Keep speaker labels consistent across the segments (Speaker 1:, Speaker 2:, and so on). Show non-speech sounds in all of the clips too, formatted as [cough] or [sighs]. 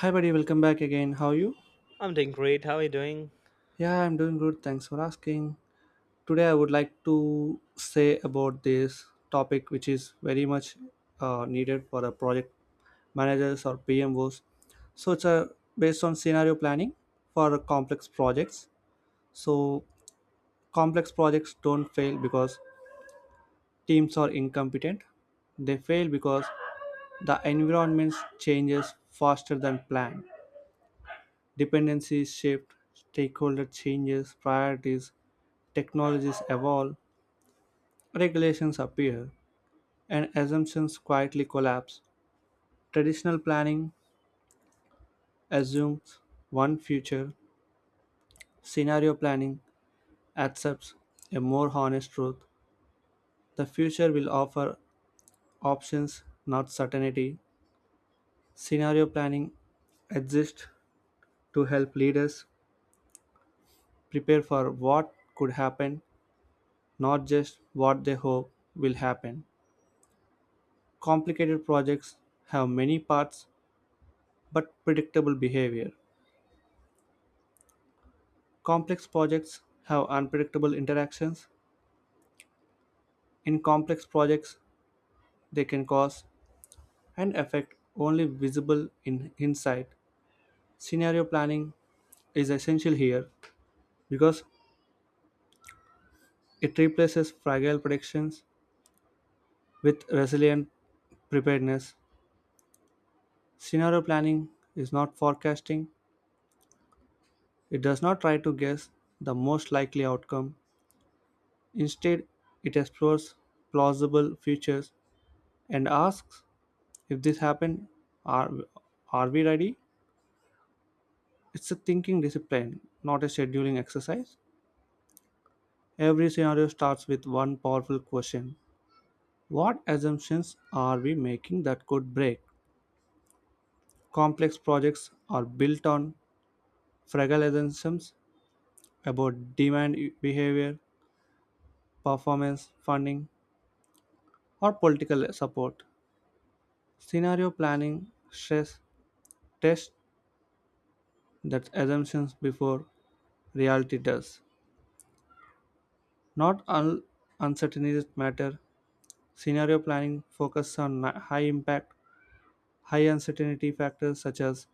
Speaker 1: Hi, buddy. Welcome back again. How are you?
Speaker 2: I'm doing great. How are you doing?
Speaker 1: Yeah, I'm doing good. Thanks for asking. Today, I would like to say about this topic, which is very much needed for a project managers or PMOs. So it's a based on scenario planning for complex projects. So complex projects don't fail because teams are incompetent. They fail because the environment changes faster than planned. Dependencies shift, stakeholder changes, priorities technologies evolve, regulations appear, and assumptions quietly collapse. Traditional planning assumes one future, scenario planning accepts a more honest truth. The future will offer options, not certainty. Scenario planning exists to help leaders prepare for what could happen, not just what they hope will happen. Complicated projects have many parts but predictable behavior. Complex projects have unpredictable interactions. In complex projects, they can cause an effect only visible in hindsight. Scenario planning is essential here because it replaces fragile predictions with resilient preparedness. Scenario planning is not forecasting, it does not try to guess the most likely outcome. Instead, it explores plausible futures and asks if this happened, are, are we ready? It's a thinking discipline, not a scheduling exercise. Every scenario starts with one powerful question. What assumptions are we making that could break? Complex projects are built on fragile assumptions about demand behavior, performance, funding, or political support. Scenario planning stress tests that assumptions before reality does. Not all uncertainties matter. Scenario planning focuses on high impact. High uncertainty factors such as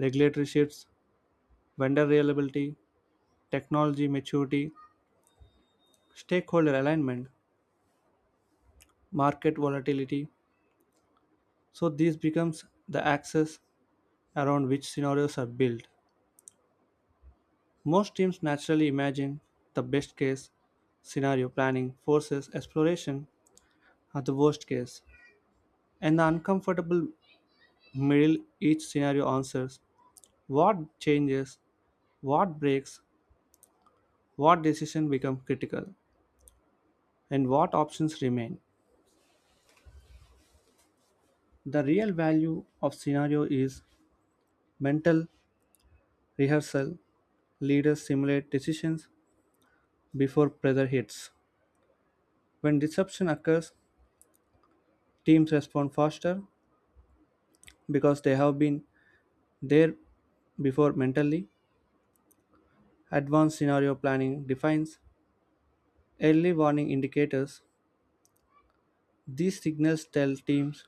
Speaker 1: regulatory shifts, vendor reliability, technology maturity, stakeholder alignment, market volatility. So this becomes the axis around which scenarios are built. Most teams naturally imagine the best case scenario planning forces exploration at the worst case. And the uncomfortable middle each scenario answers what changes, what breaks, what decision become critical, and what options remain. The real value of scenario is mental rehearsal. Leaders simulate decisions before pressure hits. When disruption occurs, teams respond faster because they have been there before mentally. Advanced scenario planning defines early warning indicators. These signals tell teams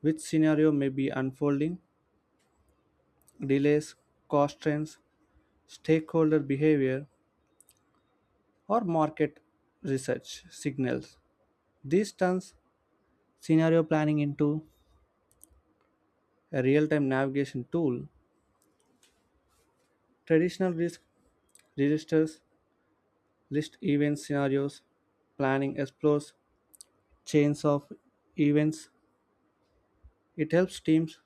Speaker 1: which scenario may be unfolding, delays, cost trends, stakeholder behavior, or market research signals. This turns scenario planning into a real time navigation tool. Traditional risk registers list event scenarios, planning explores chains of events. It helps teams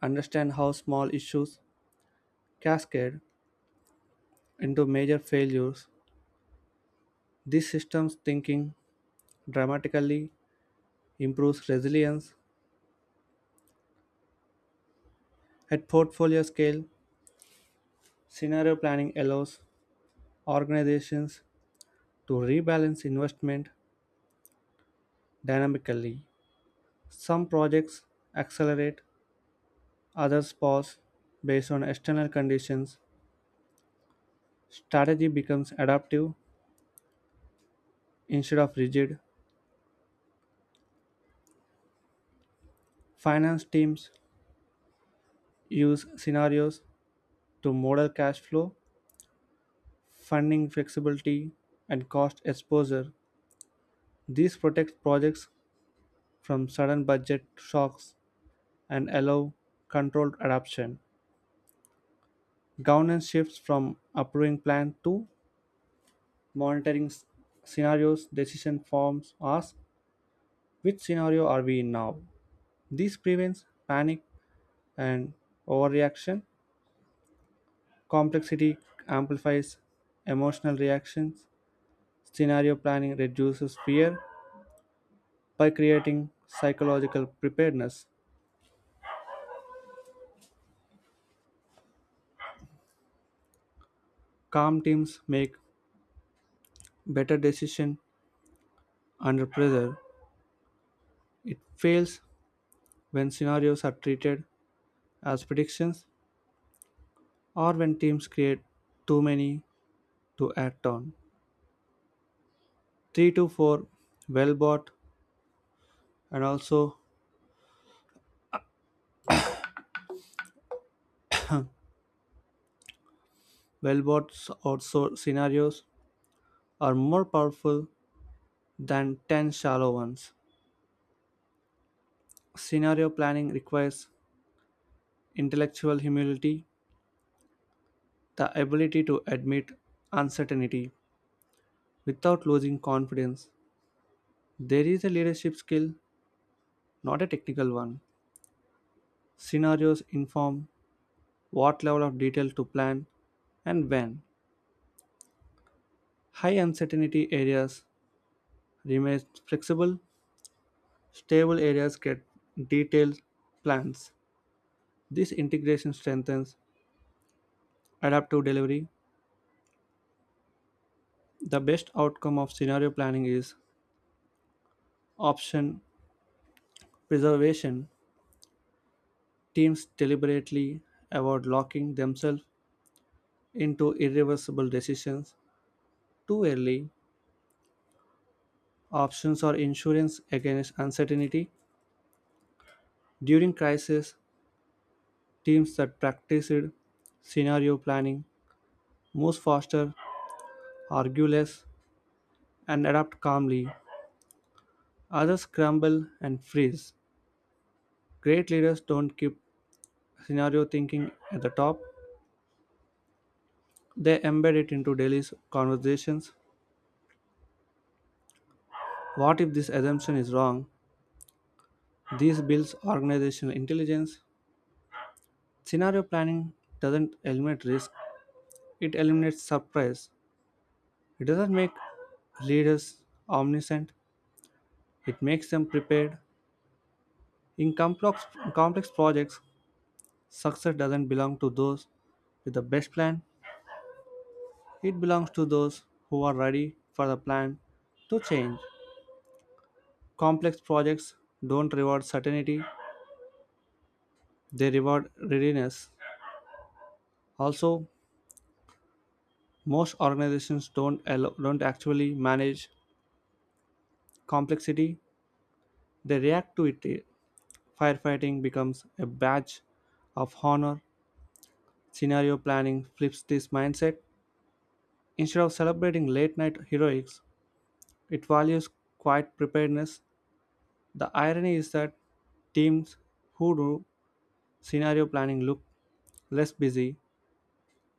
Speaker 1: understand how small issues cascade into major failures. This systems thinking dramatically improves resilience. At portfolio scale, scenario planning allows organizations to rebalance investment dynamically. Some projects accelerate, others pause based on external conditions. Strategy becomes adaptive instead of rigid. Finance teams use scenarios to model cash flow, funding flexibility, and cost exposure. These protect projects from sudden budget shocks and allow controlled adoption. Governance shifts from approving plan to monitoring scenarios, decision forms ask, which scenario are we in now? This prevents panic and overreaction. Complexity amplifies emotional reactions. Scenario planning reduces fear by creating psychological preparedness. Calm teams make better decisions under pressure. It fails when scenarios are treated as predictions or when teams create too many to act on. 3 to 4 well bought and also Wellboats or scenarios are more powerful than 10 shallow ones. Scenario planning requires intellectual humility, the ability to admit uncertainty without losing confidence. There is a leadership skill, not a technical one. Scenarios inform what level of detail to plan and when. High uncertainty areas remain flexible, stable areas get detailed plans. This integration strengthens adaptive delivery, the best outcome of scenario planning is option preservation. Teams deliberately avoid locking themselves into irreversible decisions too early. Options are insurance against uncertainty. During crisis, teams that practiced scenario planning move faster, argue less, and adapt calmly. Others crumble and freeze. Great leaders don't keep scenario thinking at the top, they embed it into daily conversations. What if this assumption is wrong? This builds organizational intelligence. Scenario planning doesn't eliminate risk, it eliminates surprise. It doesn't make leaders omniscient, it makes them prepared. In complex projects, success doesn't belong to those with the best plan, it belongs to those who are ready for the plan to change. Complex projects don't reward certainty, they reward readiness. Also, most organizations don't actually manage complexity. They react to it. Firefighting becomes a badge of honor. Scenario planning flips this mindset. Instead of celebrating late night heroics, it values quiet preparedness. The irony is that teams who do scenario planning look less busy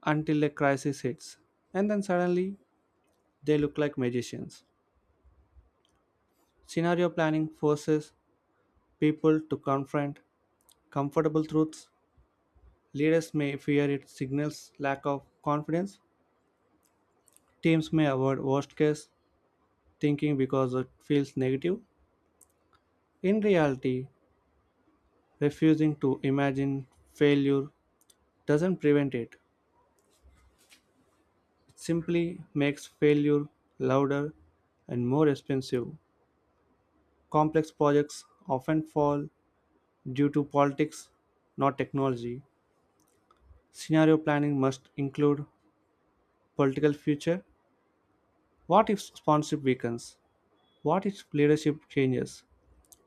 Speaker 1: until a crisis hits, and then suddenly they look like magicians. Scenario planning forces people to confront comfortable truths. Leaders may fear it signals lack of confidence. Teams may avoid worst case thinking because it feels negative. In reality, refusing to imagine failure doesn't prevent it, it simply makes failure louder and more expensive. Complex projects often fall due to politics, not technology. Scenario planning must include political future. What if sponsorship weakens? What if leadership changes?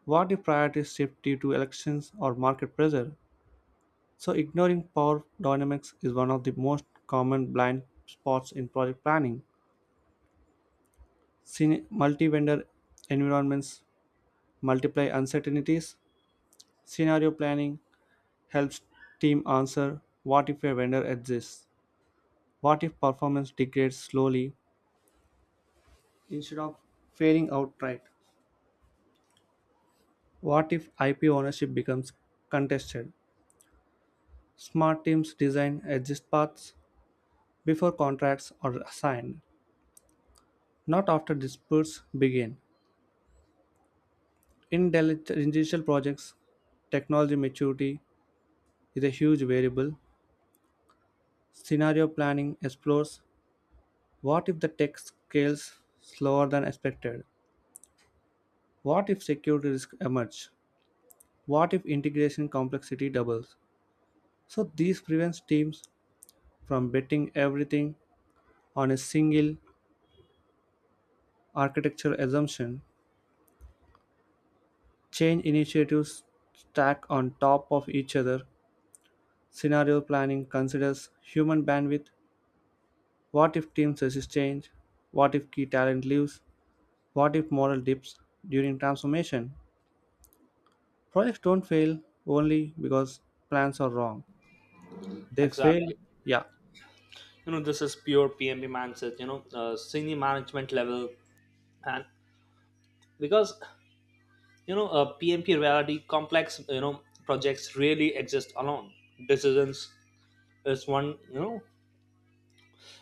Speaker 1: What if priorities shift due to elections or market pressure? So, ignoring power dynamics is one of the most common blind spots in project planning. Multi vendor environments multiply uncertainties. Scenario planning helps team answer what if a vendor exists? What if performance degrades slowly instead of failing outright? What if IP ownership becomes contested? Smart teams design exit paths before contracts are signed, not after disputes begin. In digital projects, technology maturity is a huge variable. Scenario planning explores what if the tech scales slower than expected? What if security risks emerge? What if integration complexity doubles? So these prevents teams from betting everything on a single architectural assumption. Change initiatives stack on top of each other. Scenario planning considers human bandwidth. What if team resist change? What if key talent leaves? What if morale dips during transformation? Projects don't fail only because plans are wrong. They fail,
Speaker 2: Exactly.
Speaker 1: yeah.
Speaker 2: This is pure PMP mindset, senior management level. And because, PMP reality complex, projects really exist alone. Decisions is one,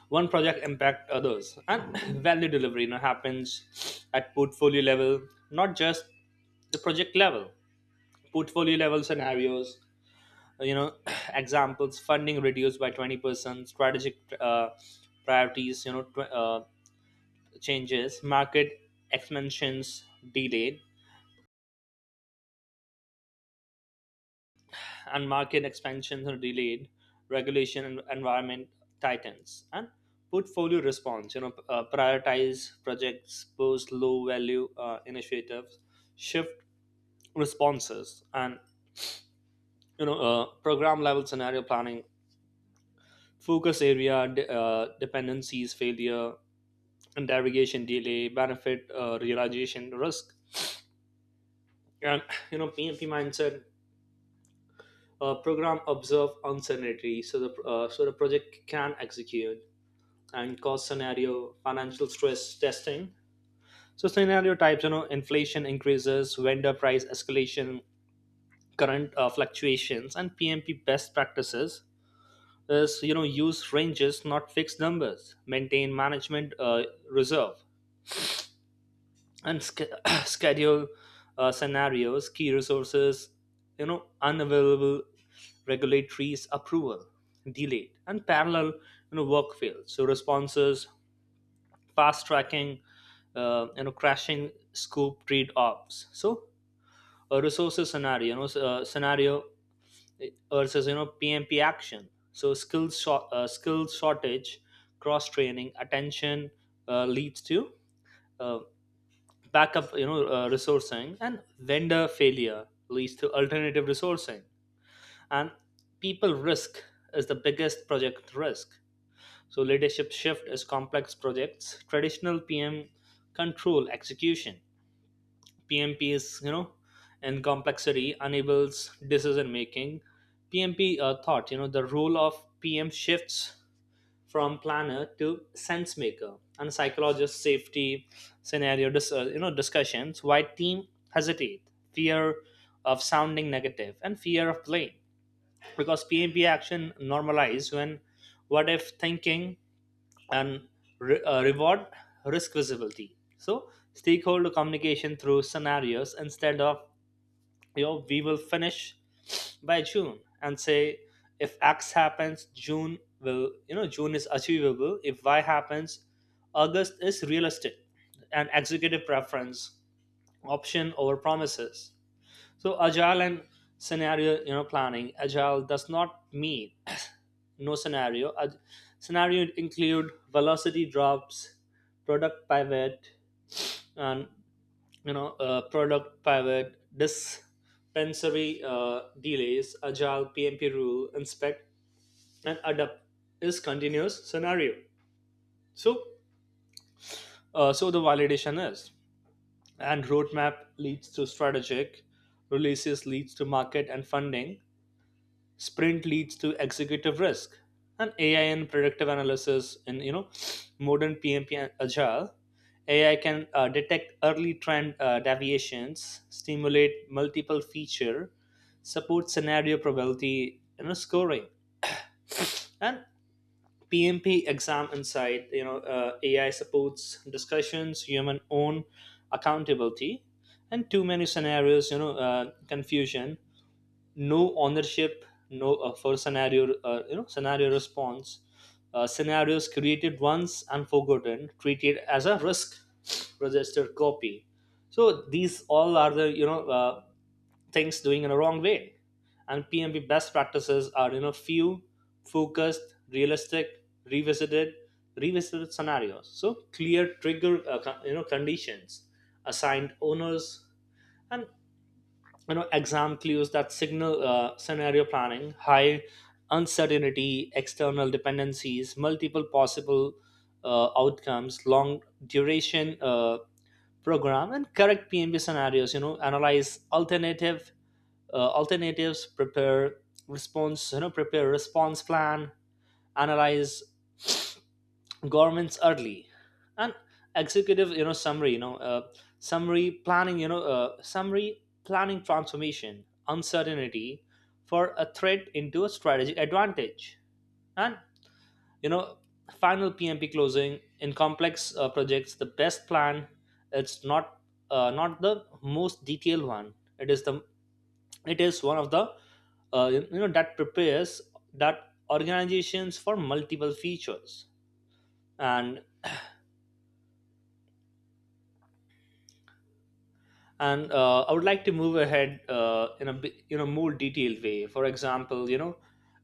Speaker 2: one project impact others. And [clears throat] value delivery, happens at portfolio level, not just the project level. Portfolio level scenarios. Uh, you know [clears throat] examples: funding reduced by 20%, strategic priorities changes, market expansions delayed and market expansions are delayed, regulation and environment tightens, and portfolio response prioritize projects, post low value initiatives, shift responses. And program level scenario planning focus area dependencies failure, and derogation delay benefit realization risk. And PMP mindset, program observe uncertainty, so the project can execute. And cost scenario, financial stress testing. So scenario types, inflation increases, vendor price escalation, current fluctuations. And PMP best practices is, use ranges not fixed numbers, maintain management reserve, and [clears throat] schedule scenarios, key resources, unavailable regulatories, approval, delayed, and parallel, work fields. So responses, fast tracking, crashing scope trade offs. So a resources scenario, scenario uh, versus PMP action. So skills shortage, cross training, attention leads to. Uh, Backup resourcing, and vendor failure leads to alternative resourcing. And people risk is the biggest project risk. So leadership shift is complex projects, traditional PM control execution. PMP is, in complexity enables decision making. PMP thought, the role of PM shifts from planner to sense maker and psychologist safety. Scenario discussions: why team hesitate, fear of sounding negative, and fear of blame. Because PMP action normalize when what if thinking, and reward risk visibility. So stakeholder communication through scenarios, instead of we will finish by June, and say if X happens, June will you know June is achievable. If Y happens, August is realistic. And executive preference option over promises. So agile and scenario, planning agile does not mean [coughs] [clears throat] no scenario. Scenario include velocity drops, product pivot, and you know product pivot dispensary delays. Agile PMP rule: inspect and adapt is continuous scenario. So uh, so the validation is, and roadmap leads to strategic, releases leads to market and funding, sprint leads to executive risk. And AI in predictive analysis in, modern PMP and agile. AI can detect early trend deviations, stimulate multiple feature support scenario probability scoring. And PMP exam insight, AI supports discussions, human own accountability. And too many scenarios, confusion, no ownership, no for scenario you know scenario response. Scenarios created once and forgotten, treated as a risk register copy. So these all are the, things doing in a wrong way. And PMP best practices are, few, focused, realistic, revisited revisited scenarios, so clear trigger conditions, assigned owners. And exam clues that signal scenario planning: high uncertainty, external dependencies, multiple possible outcomes, long duration program. And correct PMB scenarios, analyze alternatives, prepare response plan, analyze governments early. And executive summary, you know summary planning you know summary planning transformation uncertainty for a threat into a strategic advantage. And you know final PMP closing: in complex projects, the best plan, it's not the most detailed one. It is one of the, that prepares that organizations for multiple features. And and uh, I would like to move ahead in a more detailed way. For example, you know,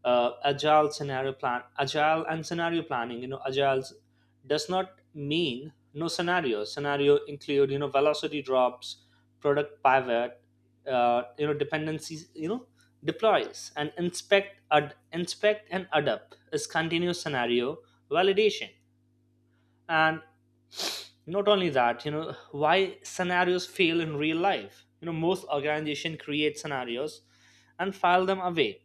Speaker 2: uh, agile scenario plan, agile and scenario planning. Agile does not mean no scenario. Scenario include, velocity drops, product pivot, dependencies, deploys, and inspect and adapt is continuous scenario validation. And not only that, why scenarios fail in real life: most organization create scenarios and file them away,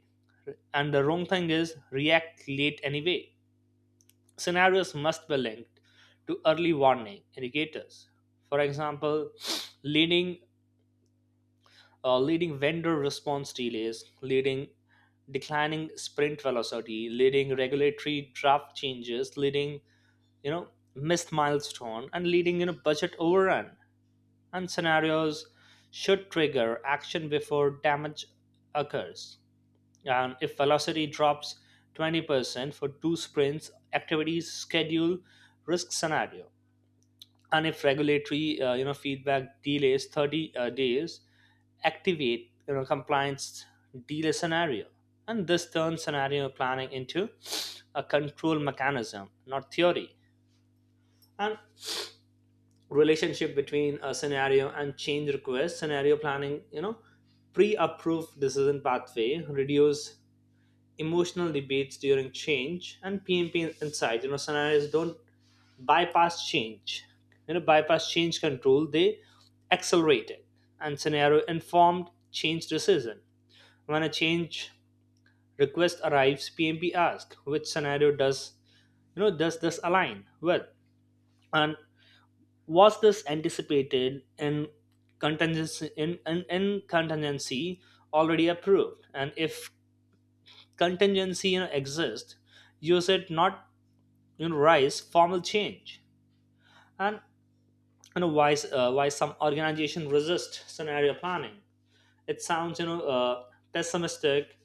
Speaker 2: and the wrong thing is react late anyway. Scenarios must be linked to early warning indicators. For example, leading leading vendor response delays, leading declining sprint velocity, leading regulatory draft changes, leading you know missed milestone, and leading budget overrun. And scenarios should trigger action before damage occurs. And if velocity drops 20% for two sprints, activities schedule risk scenario. And if regulatory feedback delays 30 days, activate compliance delay scenario. And this turns scenario planning into a control mechanism, not theory. And relationship between a scenario and change request: scenario planning, pre-approved decision pathway, reduce emotional debates during change. And PMP insights, scenarios don't bypass change bypass change control, they accelerate it. And scenario informed change decision: when a change request arrives, PMP asks which scenario does you know does this align with, and was this anticipated in contingency, in contingency already approved? And if contingency exists, use it, not rise formal change. And why some organization resist scenario planning? It sounds, pessimistic.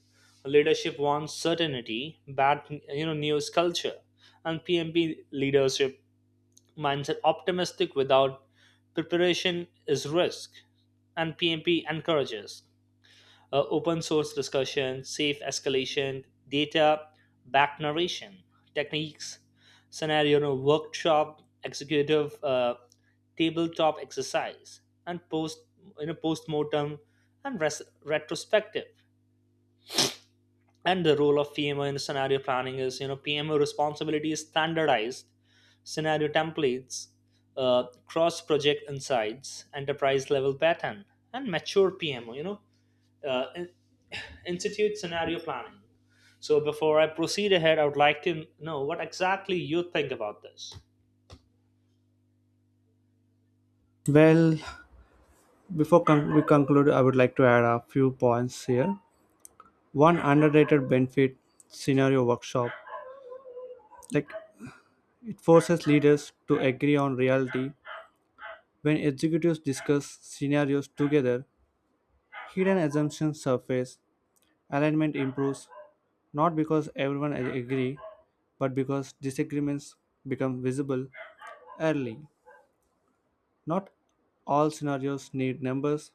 Speaker 2: Leadership wants certainty, bad news culture, and PMP leadership mindset optimistic without preparation is risk. And PMP encourages open source discussion, safe escalation, data back narration techniques, scenario workshop, executive tabletop exercise, and post-mortem, and retrospective. And the role of PMO in scenario planning is, PMO responsibility is standardized scenario templates, cross project insights, enterprise level pattern, and mature PMO. Uh, in- [sighs] institute scenario planning. So before I proceed ahead, I would like to know what exactly you think about this.
Speaker 1: Well, before we conclude, I would like to add a few points here. One underrated benefit scenario workshop. Like it forces leaders to agree on reality. When executives discuss scenarios together, hidden assumptions surface. Alignment improves not because everyone agree, but because disagreements become visible early. Not all scenarios need numbers.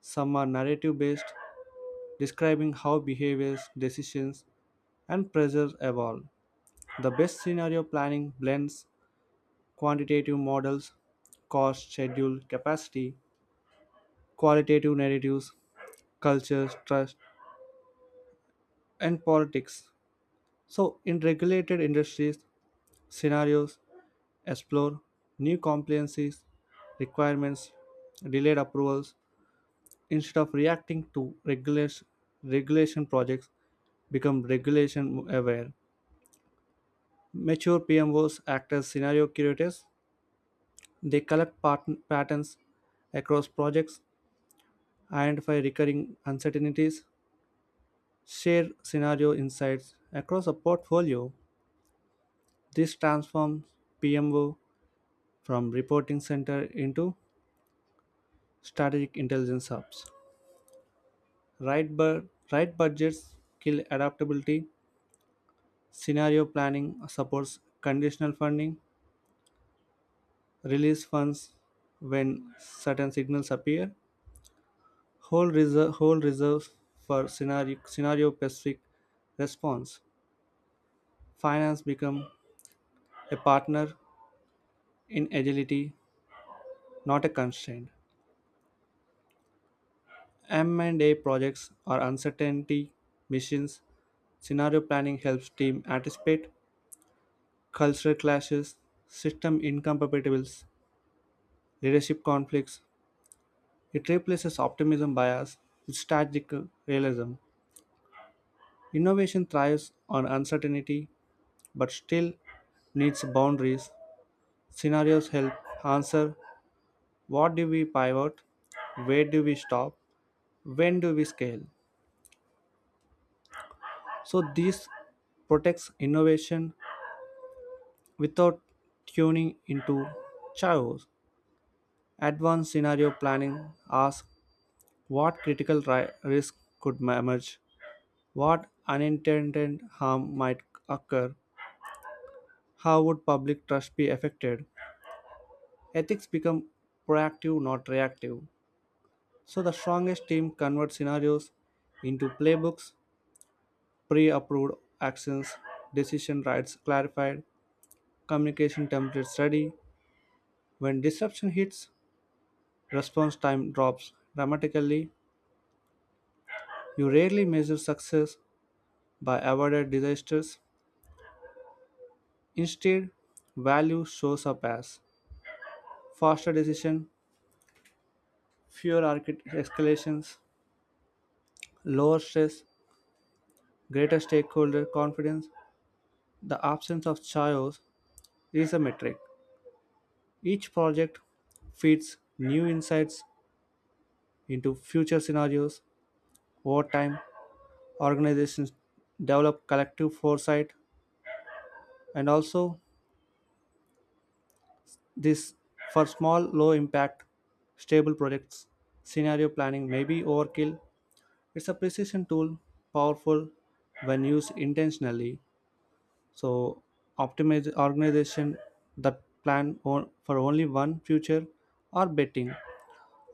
Speaker 1: Some are narrative based, describing how behaviors, decisions, and pressures evolve. The best scenario planning blends quantitative models, cost, schedule, capacity, qualitative narratives, culture, trust, and politics. So, in regulated industries, scenarios explore new compliances requirements, delayed approvals, instead of reacting to regulation, regulation projects become regulation aware. Mature PMOs act as scenario curators. They collect patterns across projects, identify recurring uncertainties, share scenario insights across a portfolio. This transforms PMO from reporting center into strategic intelligence hubs. Right budgets kill adaptability. Scenario planning supports conditional funding. Release funds when certain signals appear. Hold reserves for scenario specific response. Finance become a partner in agility, not a constraint. M&A projects are uncertainty missions. Scenario planning helps team anticipate cultural clashes, system incompatibilities, leadership conflicts. It replaces optimism bias with strategic realism. Innovation thrives on uncertainty but still needs boundaries. Scenarios help answer what do we pivot, where do we stop, when do we scale. So, this protects innovation without tuning into chaos. Advanced scenario planning asks what critical risk could emerge. What unintended harm might occur? How would public trust be affected? Ethics become proactive, not reactive. So the strongest team converts scenarios into playbooks, pre approved actions, decision rights clarified, communication templates ready. When disruption hits, response time drops dramatically. You rarely measure success by avoided disasters. Instead, value shows up as faster decision, fewer escalations, lower stress, greater stakeholder confidence, the absence of chaos is a metric. Each project feeds new insights into future scenarios. Over time, organizations develop collective foresight and also this for small, low impact, stable projects. Scenario planning may be overkill. It's a precision tool powerful when used intentionally. So optimize organization that plan for only one future are betting.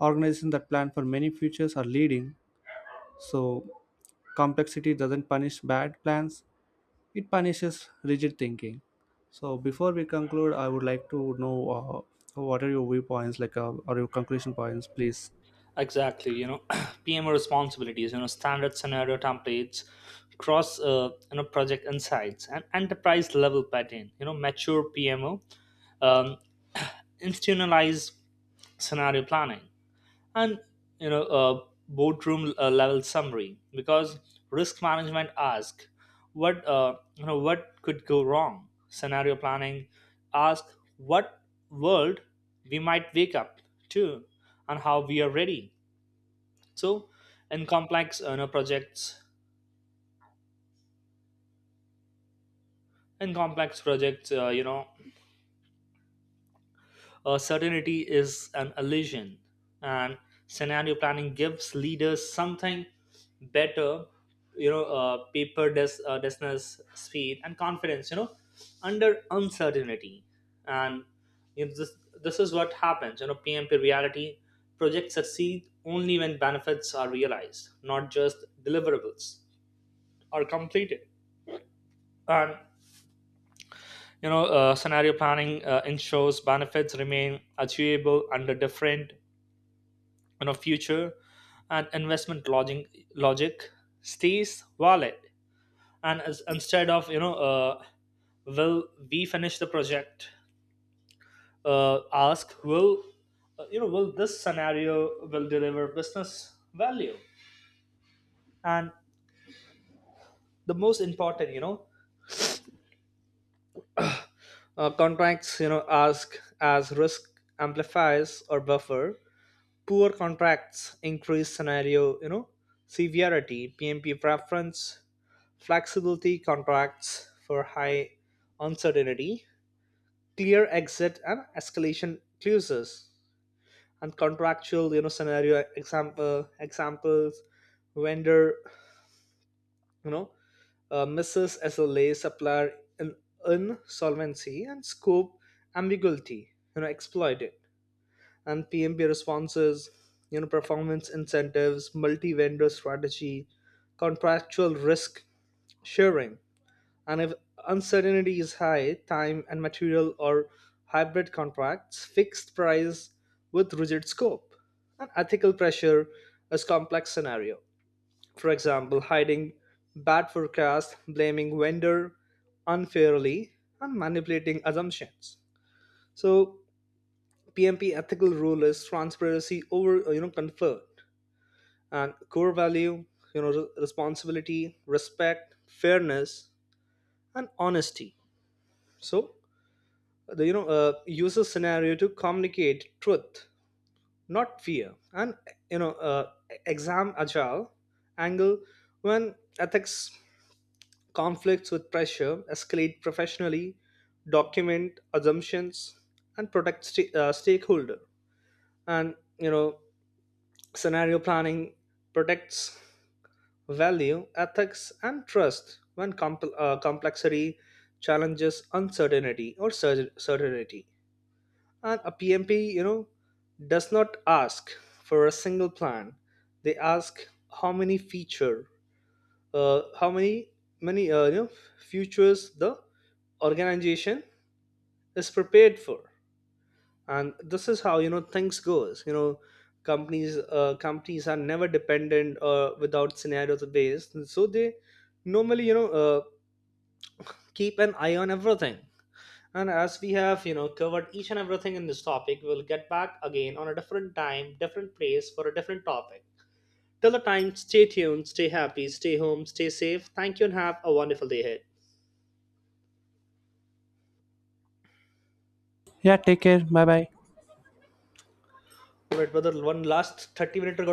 Speaker 1: Organization that plan for many futures are leading. So complexity doesn't punish bad plans; it punishes rigid thinking. So before we conclude, I would like to know what are your viewpoints, like or your conclusion points, please.
Speaker 2: Exactly. [clears throat] PMO responsibilities, standard scenario templates, cross, project insights, and enterprise level pattern, mature PMO, um, institutionalize scenario planning, and boardroom level summary. Because risk management asks, what could go wrong. Scenario planning asks what world we might wake up to, and how we are ready. So, in complex uh, you know, projects, in complex projects, certainty is an illusion, and scenario planning gives leaders something better, desness, speed, and confidence, under uncertainty. And you know, this this is what happens. PMP reality, projects succeed only when benefits are realized, not just deliverables are completed. And scenario planning ensures benefits remain achievable under different, future, and investment logic stays valid. And as, instead of will we finish the project? Ask, will you know will this scenario will deliver business value? And the most important, contracts, ask as risk amplifiers or buffer. Poor contracts increase scenario, severity. PMP preference, flexibility contracts for high uncertainty, clear exit and escalation clauses. And contractual scenario examples: vendor you know misses SLA, supplier in insolvency, and scope ambiguity exploited. And PMP responses, performance incentives, multi-vendor strategy, contractual risk sharing. And if uncertainty is high, time and material or hybrid contracts, fixed price with rigid scope. And ethical pressure is complex scenario. For example, hiding bad forecast, blaming vendor unfairly, and manipulating assumptions. So PMP ethical rule is transparency over, comfort. And core value, responsibility, respect, fairness, and honesty. So the, user scenario to communicate truth, not fear. And you know uh, exam agile angle: when ethics conflicts with pressure, escalate professionally, document assumptions, and protect stakeholder. And scenario planning protects value, ethics, and trust when complexity challenges uncertainty or certainty. And a PMP, does not ask for a single plan. They ask, how many feature, how many futures the organization is prepared for. And this is how, things goes. Companies are never dependent without scenarios based, so they normally keep an eye on everything. And as we have covered each and everything in this topic, we'll get back again on a different time, different place, for a different topic. Till the time, stay tuned, stay happy, stay home, stay safe. Thank you, and have a wonderful day ahead.
Speaker 1: Yeah. Take care. Bye bye.
Speaker 2: All right, brother. One last 30-minute recording.